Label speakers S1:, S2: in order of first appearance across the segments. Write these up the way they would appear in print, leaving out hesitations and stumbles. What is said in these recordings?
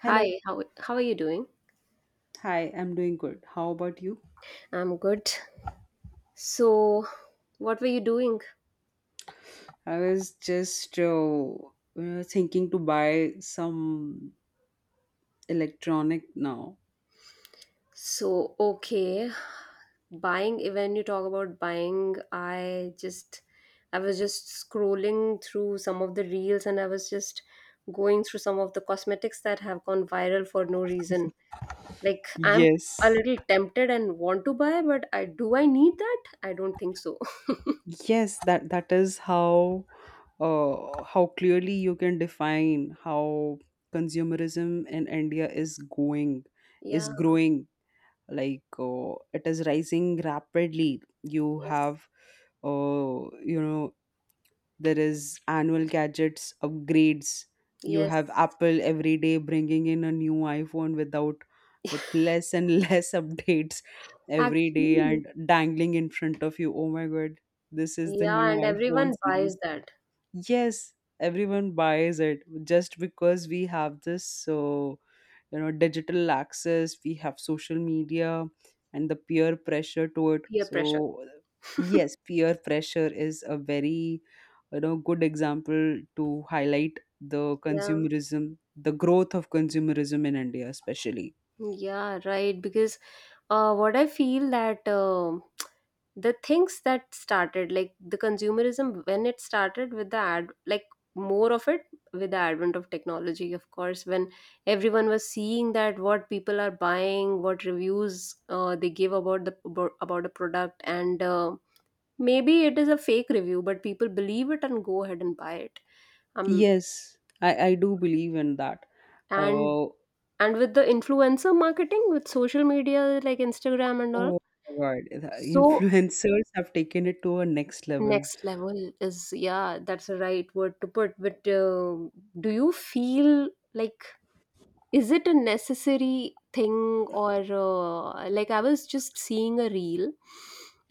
S1: Hello.
S2: Hi, how are you doing?
S1: Hi, I'm doing good. How about you?
S2: I'm good. So, what were you doing?
S1: I was just thinking to buy some electronic now.
S2: So, okay, buying. When you talk about buying, I just I was just scrolling through some of the reels and I was just going through some of the cosmetics that have gone viral for no reason. Like I'm a
S1: Yes,
S2: little tempted and want to buy, but I do I need that? I don't think so.
S1: Yes, that that is how clearly you can define how consumerism in India is going, is
S2: Yeah,
S1: growing. Like it is rising rapidly. You
S2: yes.
S1: have uh, you know there is annual gadgets upgrades. You have
S2: Yes.
S1: Apple every day bringing in a new iPhone without, with less and less updates every day
S2: Actually,
S1: and dangling in front of you. Oh my god, this is the
S2: yeah,
S1: new
S2: and
S1: iPhone
S2: everyone buys
S1: series.
S2: that.
S1: Yes, everyone buys it just because we have this, so digital access, we have social media and the peer pressure to it.
S2: Peer pressure.
S1: So yes, peer pressure is a very good example to highlight the
S2: Yeah,
S1: consumerism, the growth of consumerism in India especially.
S2: yeah, right. Because what I feel that the things that started, like the consumerism, when it started with the ad, like more of it with the advent of technology, of course, when everyone was seeing that what people are buying, what reviews they give about about a product, and maybe it is a fake review, but people believe it and go ahead and buy it. Um,
S1: Yes, I do believe in that.
S2: and
S1: uh,
S2: and with the influencer marketing, with social media like Instagram and all.
S1: oh my god, the
S2: So
S1: influencers have taken it to a next level.
S2: next level is, yeah, that's the right word to put. But do you feel like is it a necessary thing? Or like I was just seeing a reel.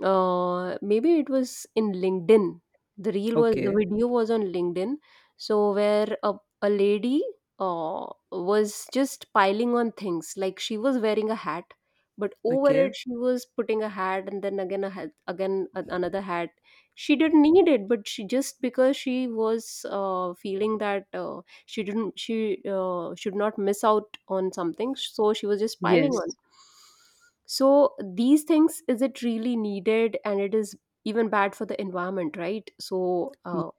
S2: Maybe it was in LinkedIn, the reel was the
S1: Okay.
S2: video was on LinkedIn. So where a lady uh was just piling on things. Like she was wearing a hat, but over
S1: Okay.
S2: it she was putting a hat, and then again a hat, another hat. She didn't need it, but she just, because she was feeling that she should not miss out on something, so she was just piling on.
S1: Yes.
S2: So these things, is it really needed? And it is even bad for the environment, right? So
S1: Yes.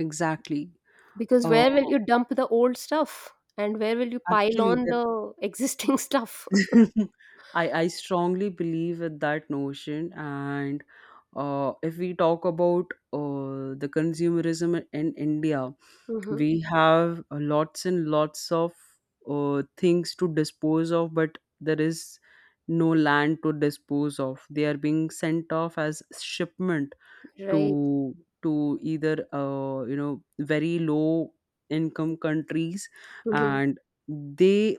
S1: Exactly.
S2: because
S1: Oh,
S2: where will you dump the old stuff and where will you pile
S1: actually,
S2: on
S1: that
S2: the existing stuff?
S1: I strongly believe with that notion. And if we talk about the consumerism in India,
S2: Hmm,
S1: we have lots and lots of things to dispose of, but there is no land to dispose of. They are being sent off as shipment
S2: right.
S1: to to either very low income countries,
S2: Hmm,
S1: and they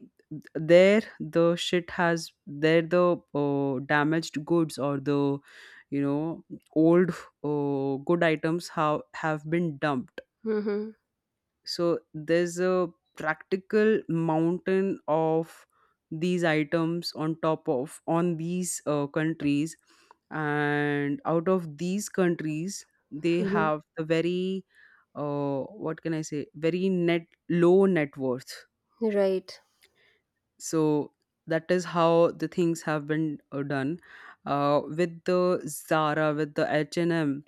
S1: there the shit has, there the damaged goods or the you know old good items have been dumped.
S2: hmm,
S1: So there's a practical mountain of these items on top of, on these countries, and out of these countries they
S2: hmm,
S1: have the very what can I say, very net low net worth.
S2: right.
S1: So that is how the things have been done with the Zara, with the H&M.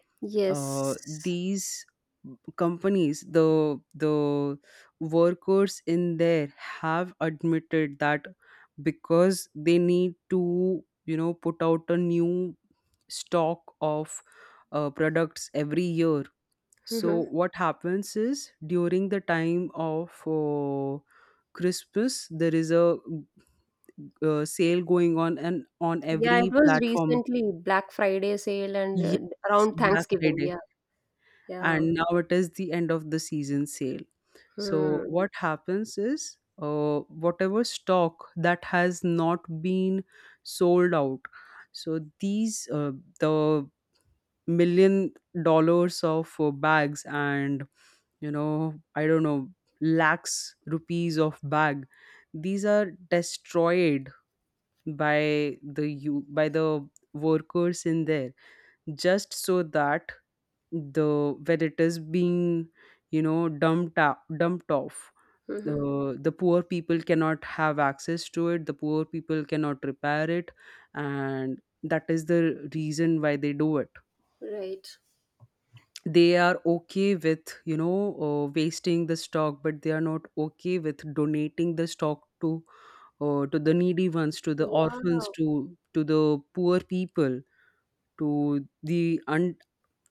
S2: Yes,
S1: These companies, the workers in there have admitted that because they need to put out a new stock of products every year. So
S2: hmm.
S1: what happens is during the time of Christmas, there is a sale going on and on
S2: Yeah, it
S1: every
S2: was
S1: platform.
S2: recently Black Friday sale, and
S1: Yes,
S2: around
S1: Black
S2: Thanksgiving,
S1: Friday.
S2: yeah. Yeah,
S1: And now it is the end of the season sale. So
S2: hmm.
S1: what happens is, whatever stock that has not been sold out. So these the millions of dollars of bags and you know, I don't know, lakhs rupees of bag, these are destroyed by the workers in there just so that the when it is being dumped out, dumped off,
S2: Mm-hmm.
S1: the poor people cannot have access to it, the poor people cannot repair it, and that is the reason why they do it.
S2: Right.
S1: They are okay with wasting the stock, but they are not okay with donating the stock to the needy ones, to the orphans,
S2: Yeah.
S1: to the poor people, to the un-,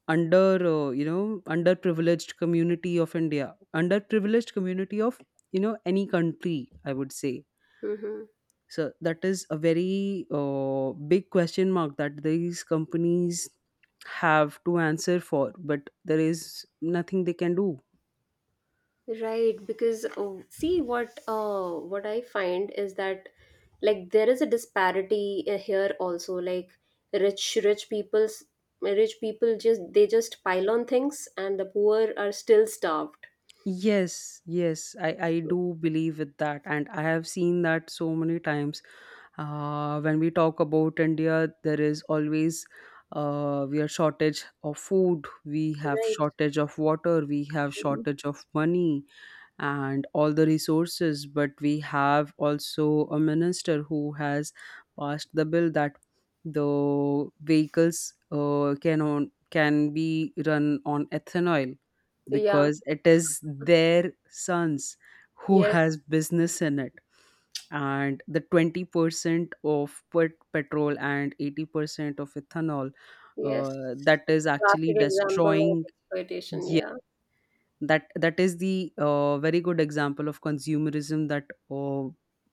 S1: under, underprivileged community of India, underprivileged community of any country, I would say.
S2: Mm-hmm.
S1: So that is a very big question mark that these companies have to answer for, but there is nothing they can do.
S2: Right. Because see what I find is that, like, there is a disparity here also. Like rich rich people's rich people just, they just pile on things and the poor are still starved.
S1: Yes, yes, I
S2: So-
S1: do believe with that, and I have seen that so many times. When we talk about India, there is always we are shortage of food, we have
S2: Right.
S1: shortage of water, we have
S2: Hmm.
S1: shortage of money and all the resources. But we have also a minister who has passed the bill that the vehicles can be run on ethanol
S2: Yeah.
S1: because it is their sons who
S2: Yes.
S1: has business in it, and the 20% of pet- petrol and 80% of ethanol
S2: Yes.
S1: that is actually
S2: Classic example of
S1: destroying.
S2: exploitation.
S1: Yeah,
S2: Yeah.
S1: that is the very good example of consumerism that uh,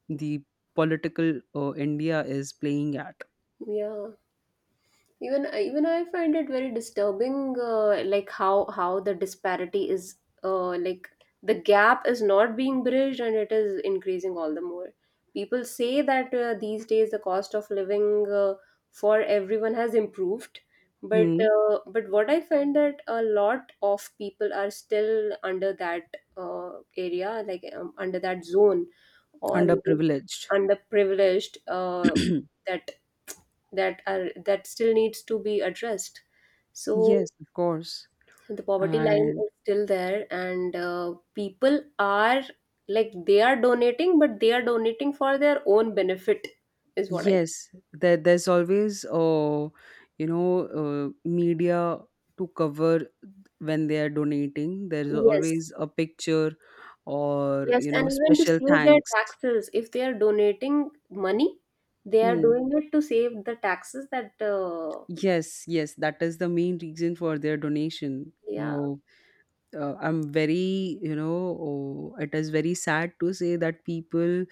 S1: the political India is playing at.
S2: Yeah. Even even I find it very disturbing, like how the disparity is, like the gap is not being bridged and it is increasing all the more. People say that these days the cost of living for everyone has improved, but
S1: Mm,
S2: what I find, that a lot of people are still under that area, like under that zone, or
S1: underprivileged.
S2: underprivileged, that that are that still needs to be addressed.
S1: Yes,
S2: So
S1: of course.
S2: the poverty line
S1: And
S2: is still there, and people are, like, they are donating but they are donating for their own benefit, is what I—
S1: yes, there, there's always, media to cover when they are donating. There's always
S2: yes,
S1: a picture or,
S2: yes,
S1: you know,
S2: and even to
S1: special
S2: save their
S1: thanks.
S2: taxes, if they are donating money, they are
S1: Hmm.
S2: doing it to save the taxes that
S1: Yes, yes, that is the main reason for their donation. Oh, I'm very, you know, oh, it is very sad to say that people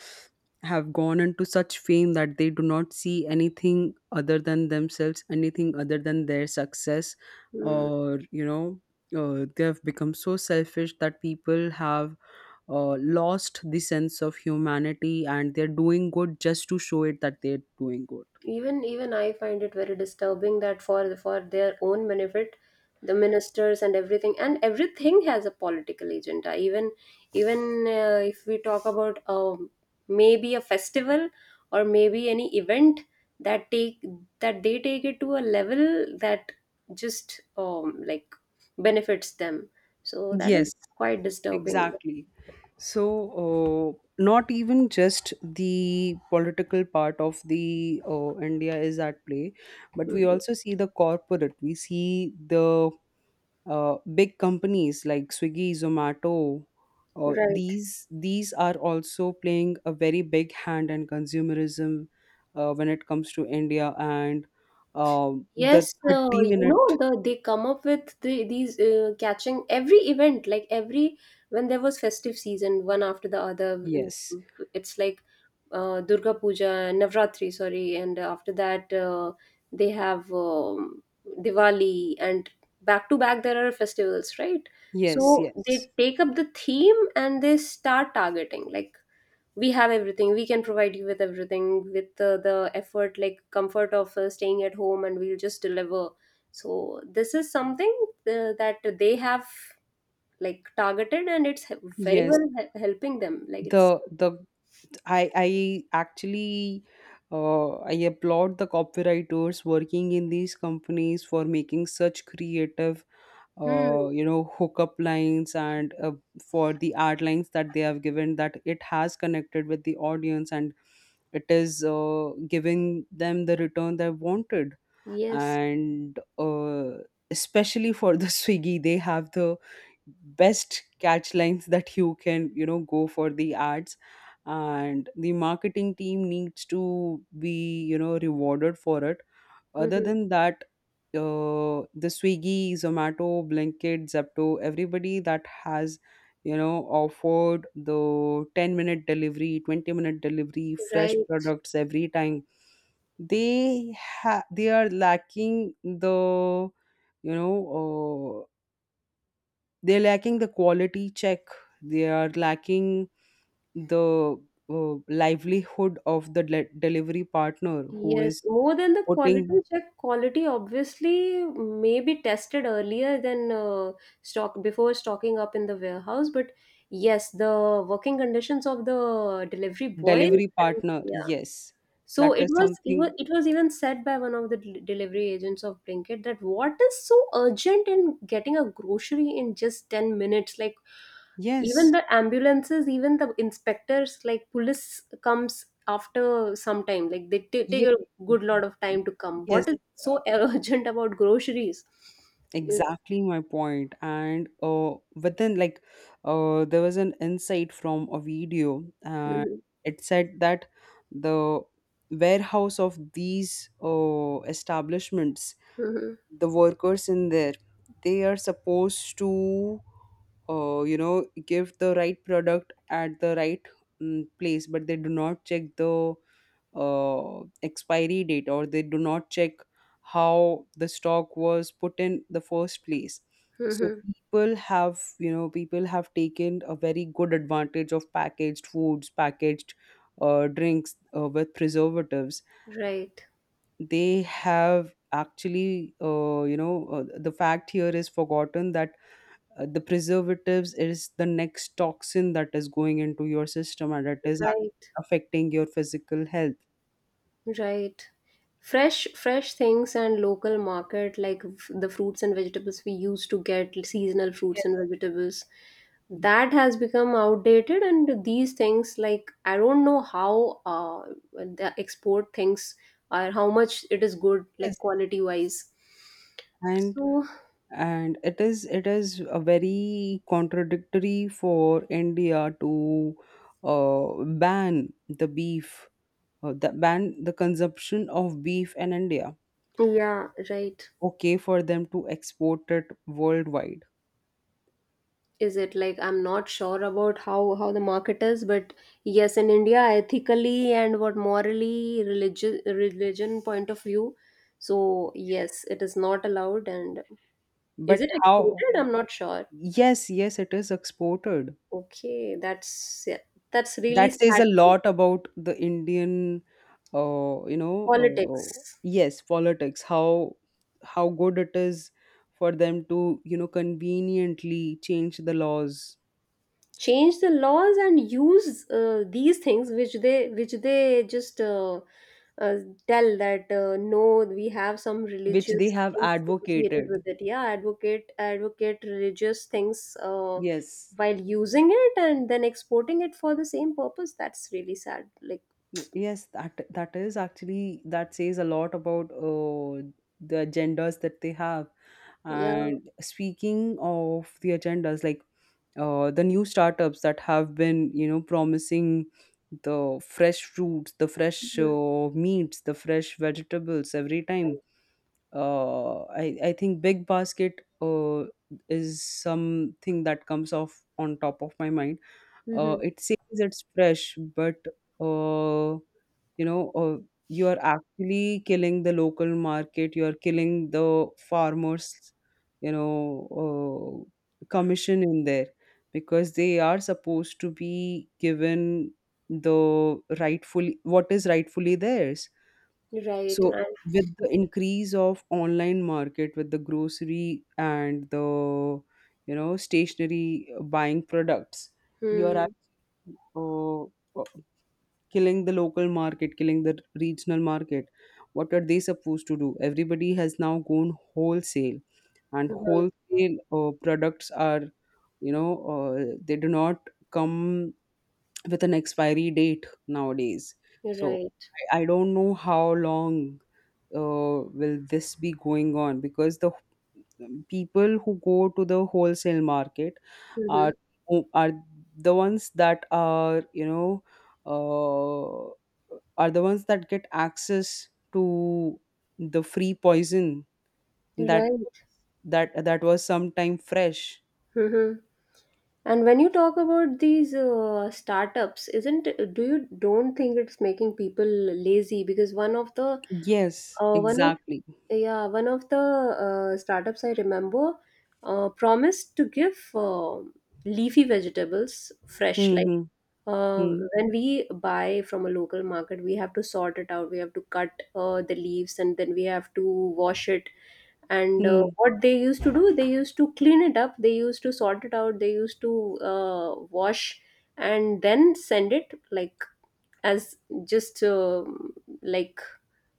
S1: have gone into such fame that they do not see anything other than themselves, anything other than their success,
S2: yeah.
S1: or, you know, they have become so selfish that people have lost the sense of humanity and they're doing good just to show it that they're doing good.
S2: Even I find it very disturbing that for their own benefit, the ministers and everything, and everything has a political agenda. Even, even if we talk about maybe a festival, or maybe any event, that take that they take it to a level that just like benefits them. So that is
S1: Yes,
S2: quite disturbing.
S1: exactly. So, not even just the political part of the India is at play, but we
S2: Mhm.
S1: also see the corporate. We see the big companies like Swiggy, Zomato.
S2: Right.
S1: These are also playing a very big hand in consumerism when it comes to India. And the
S2: Yes,
S1: thirty
S2: you
S1: minute
S2: know, the they come up with the, these catching every event, like every, when there was festive season one after the other. Mm,
S1: yes
S2: it's like Durga Puja, Navratri, sorry, and after that they have Diwali, and back to back there are festivals, right?
S1: yes
S2: So
S1: yes
S2: they take up the theme and they start targeting, like, we have everything, we can provide you with everything with the effort, like comfort of staying at home, and we'll just deliver. So this is something that they have, like, targeted, and it's he- very
S1: yes
S2: well he- helping them, like it's—
S1: the I actually I applaud the copywriters working in these companies for making such creative
S2: hmm,
S1: hookup lines, and for the ad lines that they have given, that it has connected with the audience, and it is giving them the return they wanted.
S2: yes,
S1: And especially for the Swiggy, they have the best catch lines that you can go for the ads, and the marketing team needs to be rewarded for it. Other
S2: hmm,
S1: than that, the Swiggy, Zomato, Blinkit, Zepto, everybody that has, you know, offered the 10-minute delivery, 20-minute delivery, fresh
S2: right.
S1: products every time, they are lacking the, you know, uh, they're lacking the quality check. They are lacking the livelihood of the le- delivery partner who
S2: Yes,
S1: is
S2: more than the quality
S1: putting.
S2: check, quality obviously may be tested earlier than stock, before stocking up in the warehouse. But yes, the working conditions of the delivery boys,
S1: Delivery
S2: and
S1: partner,
S2: yeah.
S1: yes.
S2: So
S1: That
S2: it
S1: is
S2: was even,
S1: something,
S2: it was even said by one of the delivery agents of Blinkit, that what is so urgent in getting a grocery in just 10 minutes? Like, even
S1: yes,
S2: the ambulances, even the inspectors, like police, comes after some time, like they take
S1: yes,
S2: a good lot of time to come.
S1: yes.
S2: What is
S1: uh,
S2: so urgent about groceries? Is—
S1: exactly my point. And but then like there was an insight from a video, and
S2: mhm,
S1: it said that the warehouse of these establishments,
S2: mhm,
S1: the workers in there, they are supposed to give the right product at the right, place, but they do not check the expiry date, or they do not check how the stock was put in the first place. So
S2: mhm.
S1: people have, you know, people have taken a very good advantage of packaged foods, packaged drinks with preservatives.
S2: Right,
S1: They have actually the fact here is forgotten, that the preservatives is the next toxin that is going into your system, and it is
S2: right.
S1: ac- affecting your physical health.
S2: Right. Fresh fresh things and local market, like the fruits and vegetables, we used to get seasonal
S1: Yes.
S2: fruits and vegetables. That has become outdated, and these things, like, I don't know how the export things are, how much it is good, like
S1: Yes.
S2: quality wise.
S1: and
S2: So
S1: and it is, it is a very contradictory for India to ban the beef, the consumption of beef in India,
S2: yeah, right.
S1: okay, for them to export it worldwide.
S2: Is it like, I'm not sure about how the market is, but yes, in India, ethically and what, morally, religion point of view, so yes, it is not allowed. And is
S1: But
S2: it
S1: how?
S2: exported? I'm not sure.
S1: Yes, yes, it is exported.
S2: Okay, that's, yeah, that's really
S1: That says
S2: sad.
S1: a lot about the Indian,
S2: Politics,
S1: yes, politics. How good it is for them to, you know, conveniently change the laws
S2: change the laws and use these things which they just uh, tell that no, we have some
S1: which they
S2: religious
S1: have
S2: things associated
S1: advocated.
S2: with it, yeah, advocate religious things,
S1: Yes,
S2: while using it, and then exporting it for the same purpose. That's really sad, like,
S1: yes, that is actually, that says a lot about the agendas that they have.
S2: yeah.
S1: And speaking of the agendas, like the new startups that have been, you know, promising the fresh fruits, the fresh
S2: Mhm.
S1: meats, the fresh vegetables every time.
S2: Right.
S1: I think Big Basket is something that comes off on top of my mind. Uh,
S2: Mm-hmm.
S1: it says it's fresh, but uh, you know, uh, you are actually killing the local market. You are killing the farmers. You know, commission in there, because they are supposed to be given the rightfully, what is rightfully theirs.
S2: Right
S1: So
S2: and,
S1: with the increase of online market, with the grocery and the stationary buying products, you are
S2: hmm.
S1: uh, uh, killing the local market, killing the regional market. What are they supposed to do? Everybody has now gone wholesale, and
S2: Right,
S1: wholesale products are, they do not come with an expiry date nowadays. So
S2: right.
S1: I don't know how long will this be going on, because the people who go to the wholesale market
S2: Mm-hmm.
S1: are, who are the ones that are, uh, are the ones that get access to the free poison that
S2: Right.
S1: that was sometime fresh.
S2: Mm-hmm. And when you talk about these startups, isn't, do you, don't think it's making people lazy? Because one of the
S1: Yes,
S2: one of
S1: exactly.
S2: yeah, one of the startups I remember promised to give leafy vegetables fresh.
S1: Hmm,
S2: Like
S1: hmm.
S2: uh,
S1: Hmm,
S2: when we buy from a local market, we have to sort it out, we have to cut the leaves, and then we have to wash it. And
S1: hmm.
S2: what they used to do, they used to clean it up, they used to sort it out, they used to wash, and then send it, like, as just like,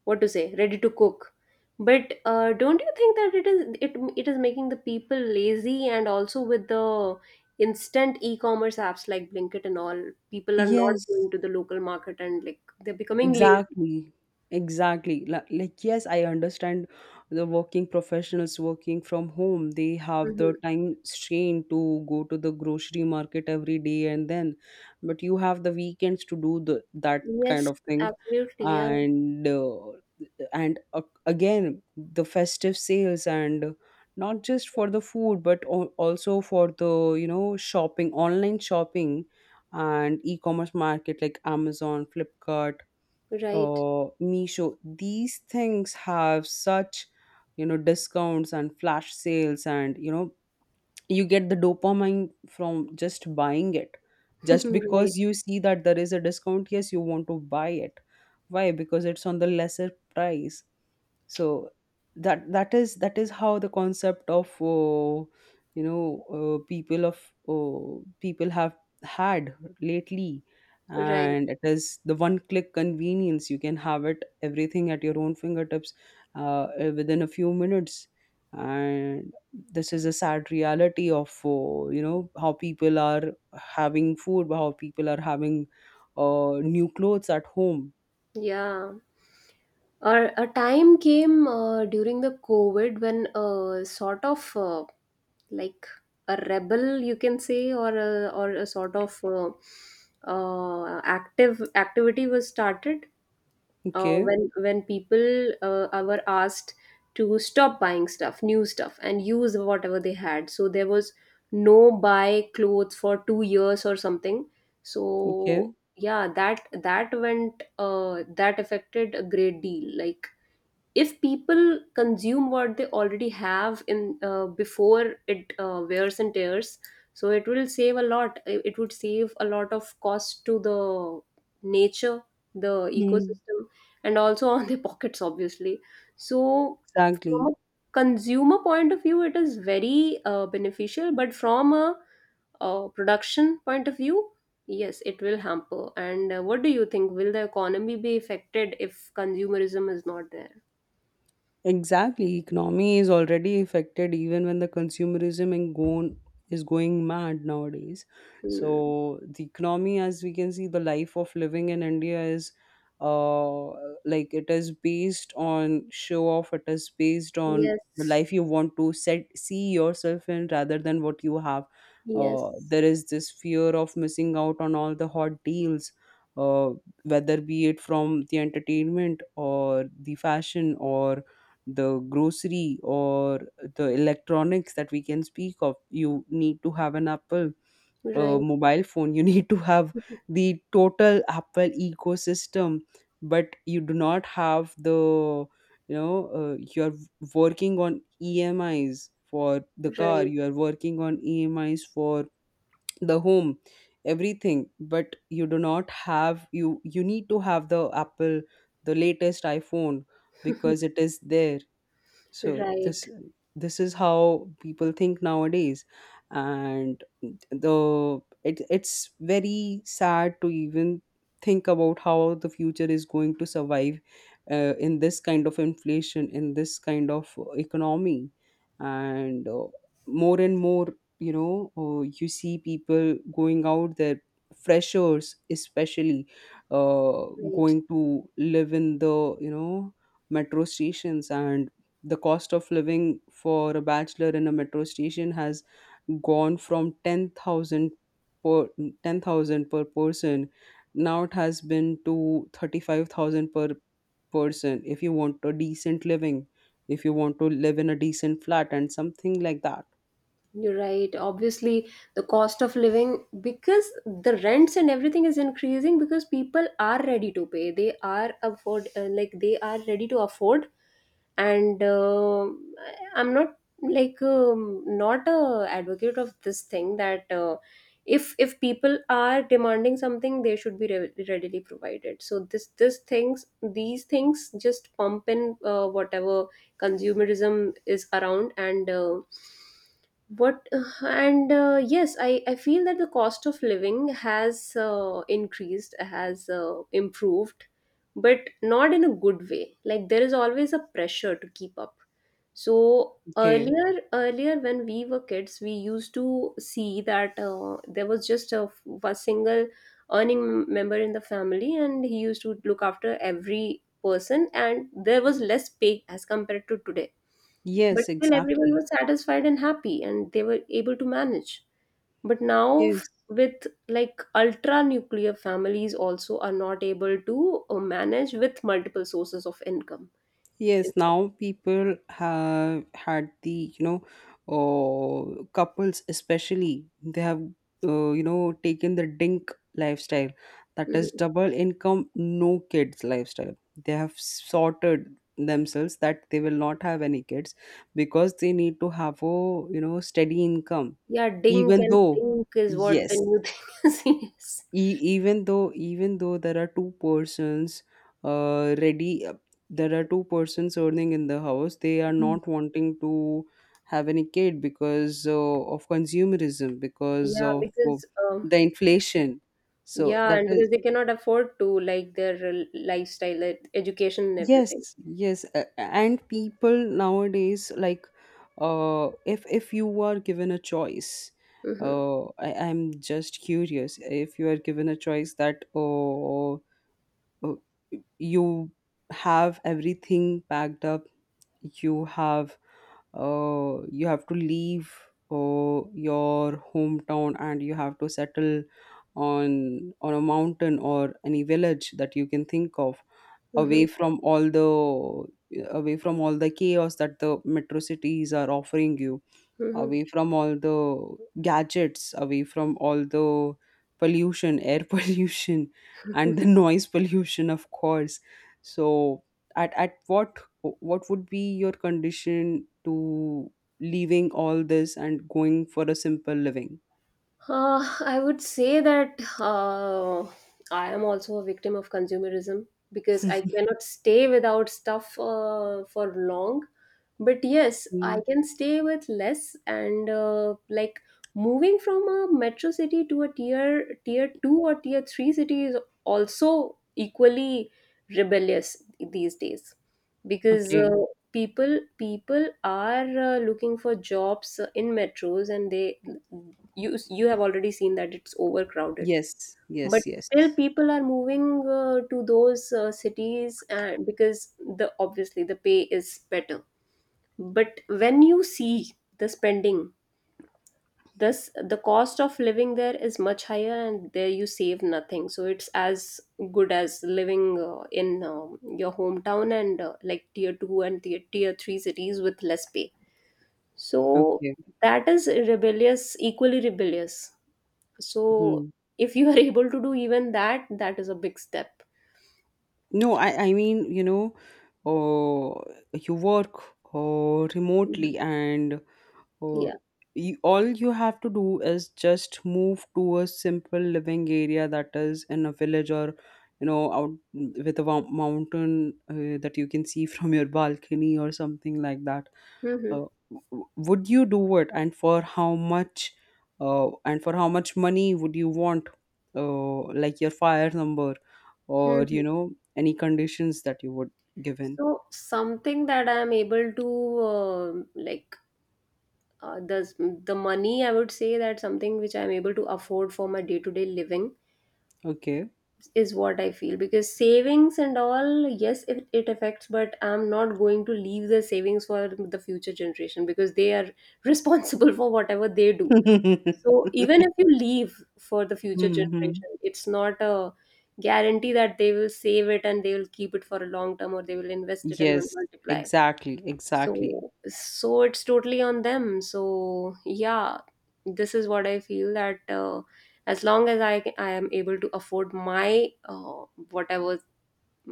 S2: what to say, ready to cook. But don't you think that it is making the people lazy? And also, with the instant e-commerce apps like Blinkit and all, people are not
S1: Yes,
S2: going to the local market, and like, they're becoming lazy.
S1: exactly. Exactly. Like yes, I understand the working professionals working from home. They have the
S2: Mhm.
S1: time strain to go to the grocery market every day and then, but you have the weekends to do the that kind
S2: Yes,
S1: of thing.
S2: absolutely, yeah.
S1: And uh, and Again, the festive sales, and not just for the food, but also for the shopping, online shopping, and e-commerce market like Amazon, Flipkart,
S2: Right.
S1: Misho. These things have such discounts and flash sales, and you get the dopamine from just buying it, just
S2: Right,
S1: because you see that there is a discount. Yes, you want to buy it. Why? Because it's on the lesser price. So that is how the concept of you know uh, people of people have had lately.
S2: right.
S1: And it is the one click convenience. You can have it, everything at your own fingertips, uh, within a few minutes. And this is a sad reality of how people are having food, how people are having new clothes at home.
S2: Yeah. Or a time came during the COVID, when a sort of like a rebel, you can say, or a sort of active activity was started,
S1: Okay.
S2: when people were asked to stop buying stuff, new stuff, and use whatever they had. So there was no buy clothes for 2 years or something.
S1: Okay.
S2: So yeah, that that went that affected a great deal. Like, if people consume what they already have in, before it wears and tears, so it will save a lot, it would save a lot of cost to the nature, the
S1: Hmm.
S2: ecosystem, and also on their pockets, obviously. So from
S1: Exactly.
S2: a consumer point of view, it is very beneficial, but from a production point of view, yes, it will hamper. And what do you think, will the economy be affected if consumerism is not there?
S1: Exactly, economy is already affected even when the consumerism and gone is going mad nowadays.
S2: Mm.
S1: So the economy, as we can see, the life of living in India is uh like it is based on show off. It is based on the
S2: Yes,
S1: life you want to set see yourself in rather than what you have.
S2: yes,
S1: There is this fear of missing out on all the hot deals. Uh, Whether be it from the entertainment or the fashion or the grocery or the electronics that we can speak of, you need to have an Apple,
S2: right,
S1: mobile phone. You need to have the total Apple ecosystem, but you do not have the, you're working on EMIs for the car.
S2: right,
S1: You are working on EMIs for the home, everything. But you do not have, you need to have the Apple, the latest iPhone, because it is there. So this
S2: right,
S1: this is how people think nowadays. And it's very sad to even think about how the future is going to survive, in this kind of inflation, in this kind of economy. And more and more, you see people going out there, freshers especially, uh,
S2: right.
S1: going to live in the metro stations. And the cost of living for a bachelor in a metro station has gone from 10000 per 10,000 per person. Now it has been to 35,000 per person, if you want a decent living, if you want to live in a decent flat and something like that.
S2: You're right. Obviously, the cost of living, because the rents and everything is increasing, because people are ready to pay. They are afford, like, they are ready to afford. And I'm not like not a advocate of this thing that if people are demanding something, they should be readily provided. So this things these things just pump in whatever consumerism is around, and. But and yes, I feel that the cost of living has improved, but not in a good way. Like, there is always a pressure to keep up. So
S1: Okay.
S2: earlier, earlier, when we were kids, we used to see that there was just a single earning member in the family, and he used to look after every person, and there was less pay as compared to today, but
S1: Yes.
S2: still, everyone
S1: Exactly.
S2: was satisfied and happy, and they were able to manage. But now,
S1: Yes.
S2: with like ultra nuclear families, also are not able to manage with multiple sources of income.
S1: Yes,
S2: Is—
S1: now people have had the, couples especially. They have, taken the DINK lifestyle. That is
S2: mhm.
S1: double income, no kids lifestyle. They have sorted themselves that they will not have any kids, because they need to have a, steady income.
S2: Yeah, dink
S1: Even
S2: and
S1: though,
S2: sink is what the
S1: yes,
S2: new thing is. Yes.
S1: even though there are two persons, ready there are two persons earning in the house. They are not wanting to have any kid, because of consumerism, because
S2: Yeah,
S1: of
S2: because
S1: the inflation. So
S2: yeah,
S1: that
S2: and
S1: is,
S2: because they cannot afford to, like, their lifestyle, like education and everything.
S1: yes, yes. And people nowadays, like, if you are given a choice,
S2: Mm-hmm.
S1: I'm just curious, if you are given a choice that, oh, uh, you have everything packed up, you have, you have to leave, uh, your hometown, and you have to settle on a mountain or any village that you can think of,
S2: Mm-hmm.
S1: away from all the away from all the chaos that the metro cities are offering you,
S2: Mm-hmm.
S1: away from all the gadgets, away from all the pollution, air pollution, and the noise pollution, of course. So, at what would be your condition to leaving all this and going for a simple living?
S2: I would say that I am also a victim of consumerism, because I cannot stay without stuff for long. But yes,
S1: Mm,
S2: I can stay with less and like moving from a metro city to a tier two or tier three city is also equally rebellious these days, because
S1: okay.
S2: people are looking for jobs in metros, and they you you have already seen that it's overcrowded.
S1: Yes.
S2: But
S1: Yes. Yes.
S2: still people are moving to those cities because the obviously the pay is better. But when you see the spending, this the cost of living there is much higher and there you save nothing, so it's as good as living in your hometown and like tier 2 and tier 3 cities with less pay. So
S1: Okay.
S2: that is rebellious, equally rebellious. So
S1: Hmm.
S2: if you are able to do even that, that is a big step.
S1: No, I mean, you work, remotely,
S2: Mhm.
S1: and oh,
S2: Yeah.
S1: all you have to do is just move to a simple living area that is in a village, or out with a mountain, that you can see from your balcony or something like that.
S2: Hmm,
S1: Uh, would you do it, and for how much? And for how much money would you want? Like your FIRE number, or
S2: hmm.
S1: any conditions that you would give in.
S2: So something that I am able to like, uh, the the money, I would say that something which I am able to afford for my day to day living
S1: Okay.
S2: is what I feel, because savings and all, yes, it affects, but I'm not going to leave the savings for the future generation, because they are responsible for whatever they do. So even if you leave for the future
S1: Hmm.
S2: generation, it's not a guarantee that they will save it and they will keep it for a long term, or they will invest it and will
S1: Yes,
S2: multiply.
S1: exactly, exactly.
S2: So it's totally on them. So yeah, this is what I feel, that as long as I am able to afford my whatever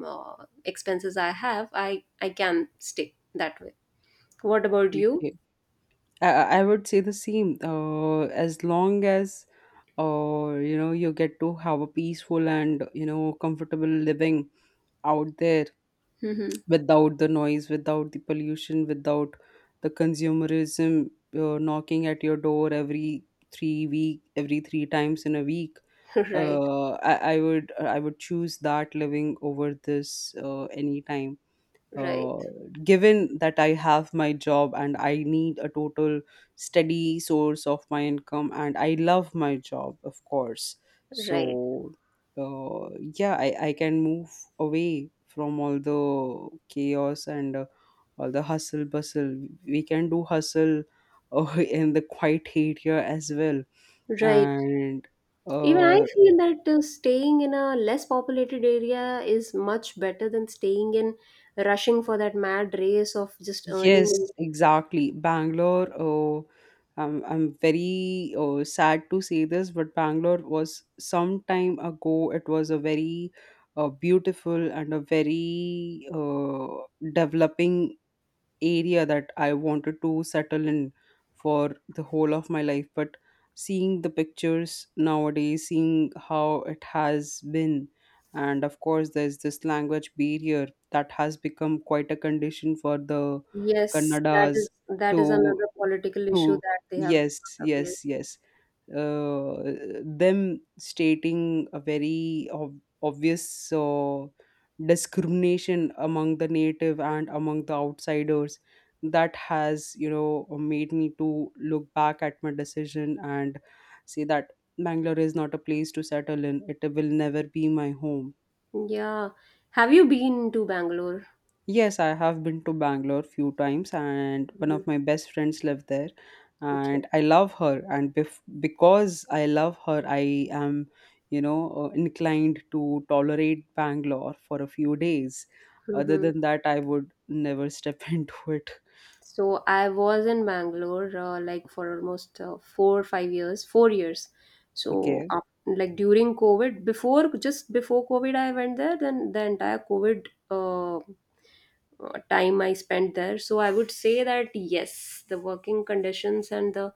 S2: expenses I have, I can stick that way. What about you?
S1: Okay. I would say the same. As long as, you get to have a peaceful and comfortable living out there,
S2: Right,
S1: without the noise, without the pollution, without the consumerism, knocking at your door every 3 week, every three times in a week.
S2: right,
S1: I would choose that living over this, anytime. uh, given that I have my job, and I need a total steady source of my income, and I love my job, of course.
S2: right,
S1: So, yeah, I can move away from all the chaos, and all the hustle bustle. We can do hustle, in the quiet area as well.
S2: right.
S1: And
S2: Even I
S1: uh,
S2: feel that staying in a less populated area is much better than staying in, rushing for that mad race of just earning.
S1: Yes, exactly. Bangalore, oh, I'm very, oh, sad to say this, but Bangalore was some time ago. It was a very, beautiful and a very, developing area that I wanted to settle in for the whole of my life. But seeing the pictures nowadays, seeing how it has been, and of course, there's this language barrier that has become quite a condition for the
S2: Yes, that
S1: Kannada's
S2: is,
S1: to
S2: another political issue
S1: to.
S2: that they have
S1: Yes,
S2: brought up. Yes.
S1: yes, yes. uh, Them stating a very obvious, discrimination among the native and among the outsiders, that has made me to look back at my decision and say that Bangalore is not a place to settle in. It will never be my home.
S2: Yeah. Have you been to Bangalore?
S1: Yes, I have been to Bangalore few times, and one
S2: Hmm.
S1: of my best friends live there.
S2: Okay.
S1: And I love her, and because I love her, I am inclined to tolerate Bangalore for a few days. Other
S2: Hmm.
S1: than that, I would never step into it.
S2: So I was in Bangalore like for almost 4 5 years, 4 years. So
S1: Okay.
S2: like during COVID, before just before COVID, I went there. Then the entire COVID time I spent there. So I would say that yes, the working conditions and the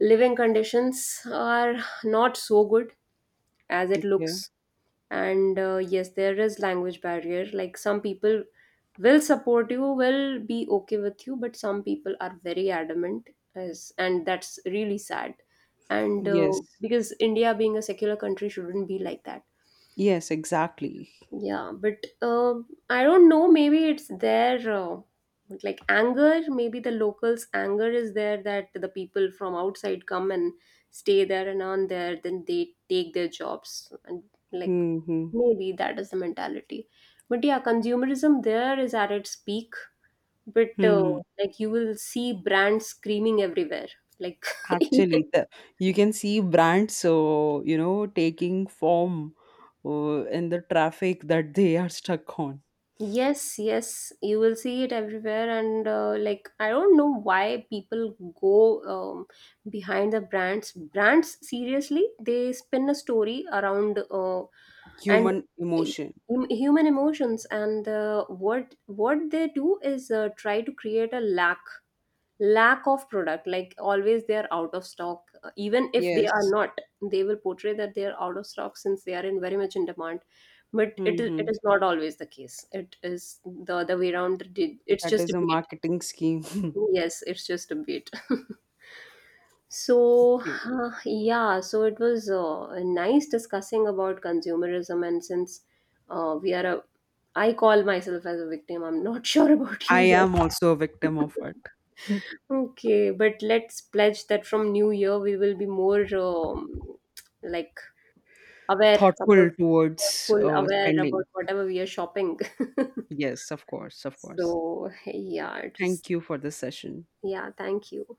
S2: living conditions are not so good as it
S1: Yeah.
S2: looks. And yes, there is language barrier, like some people will support you, will be okay with you, but some people are very adamant, as, and that's really sad. And
S1: Yes.
S2: because India being a secular country shouldn't be like that.
S1: Yes. Exactly.
S2: Yeah, but I don't know, maybe it's their like anger, maybe the locals anger is there, that the people from outside come and stay there and earn there, then they take their jobs and, like,
S1: Hmm. Hmm.
S2: maybe that is the mentality. But yeah, consumerism there is at its peak. But
S1: Hmm.
S2: like, you will see brands screaming everywhere. Like,
S1: Actually, you can see brands, so, taking form, in the traffic that they are stuck on.
S2: yes, yes, you will see it everywhere. And like, I don't know why people go um, behind the brands. Brands, seriously, they spin a story around and
S1: Human emotion.
S2: human emotions, and what they do is try to create a lack of product, like always they are out of stock. Even if they are
S1: Yes.
S2: not, they will portray that they are out of stock, since they are in very much in demand, but it is it
S1: Hmm.
S2: is not always the case, it is the other way around. It's
S1: That
S2: just
S1: is
S2: a
S1: a
S2: bait.
S1: marketing scheme.
S2: Yes, it's just a bait. So,
S1: Okay.
S2: yeah, so it was nice discussing about consumerism. And since uh, we are a, I call myself as a victim, I'm not sure about
S1: I
S2: you yet.
S1: am also a victim of it.
S2: Okay, but let's pledge that from New Year we will be more like aware
S1: Thoughtful
S2: about,
S1: towards,
S2: thoughtful, aware about
S1: spending.
S2: whatever we are shopping.
S1: Yes, of course, of course.
S2: So yeah, it was
S1: Thank you for this session.
S2: yeah, thank you.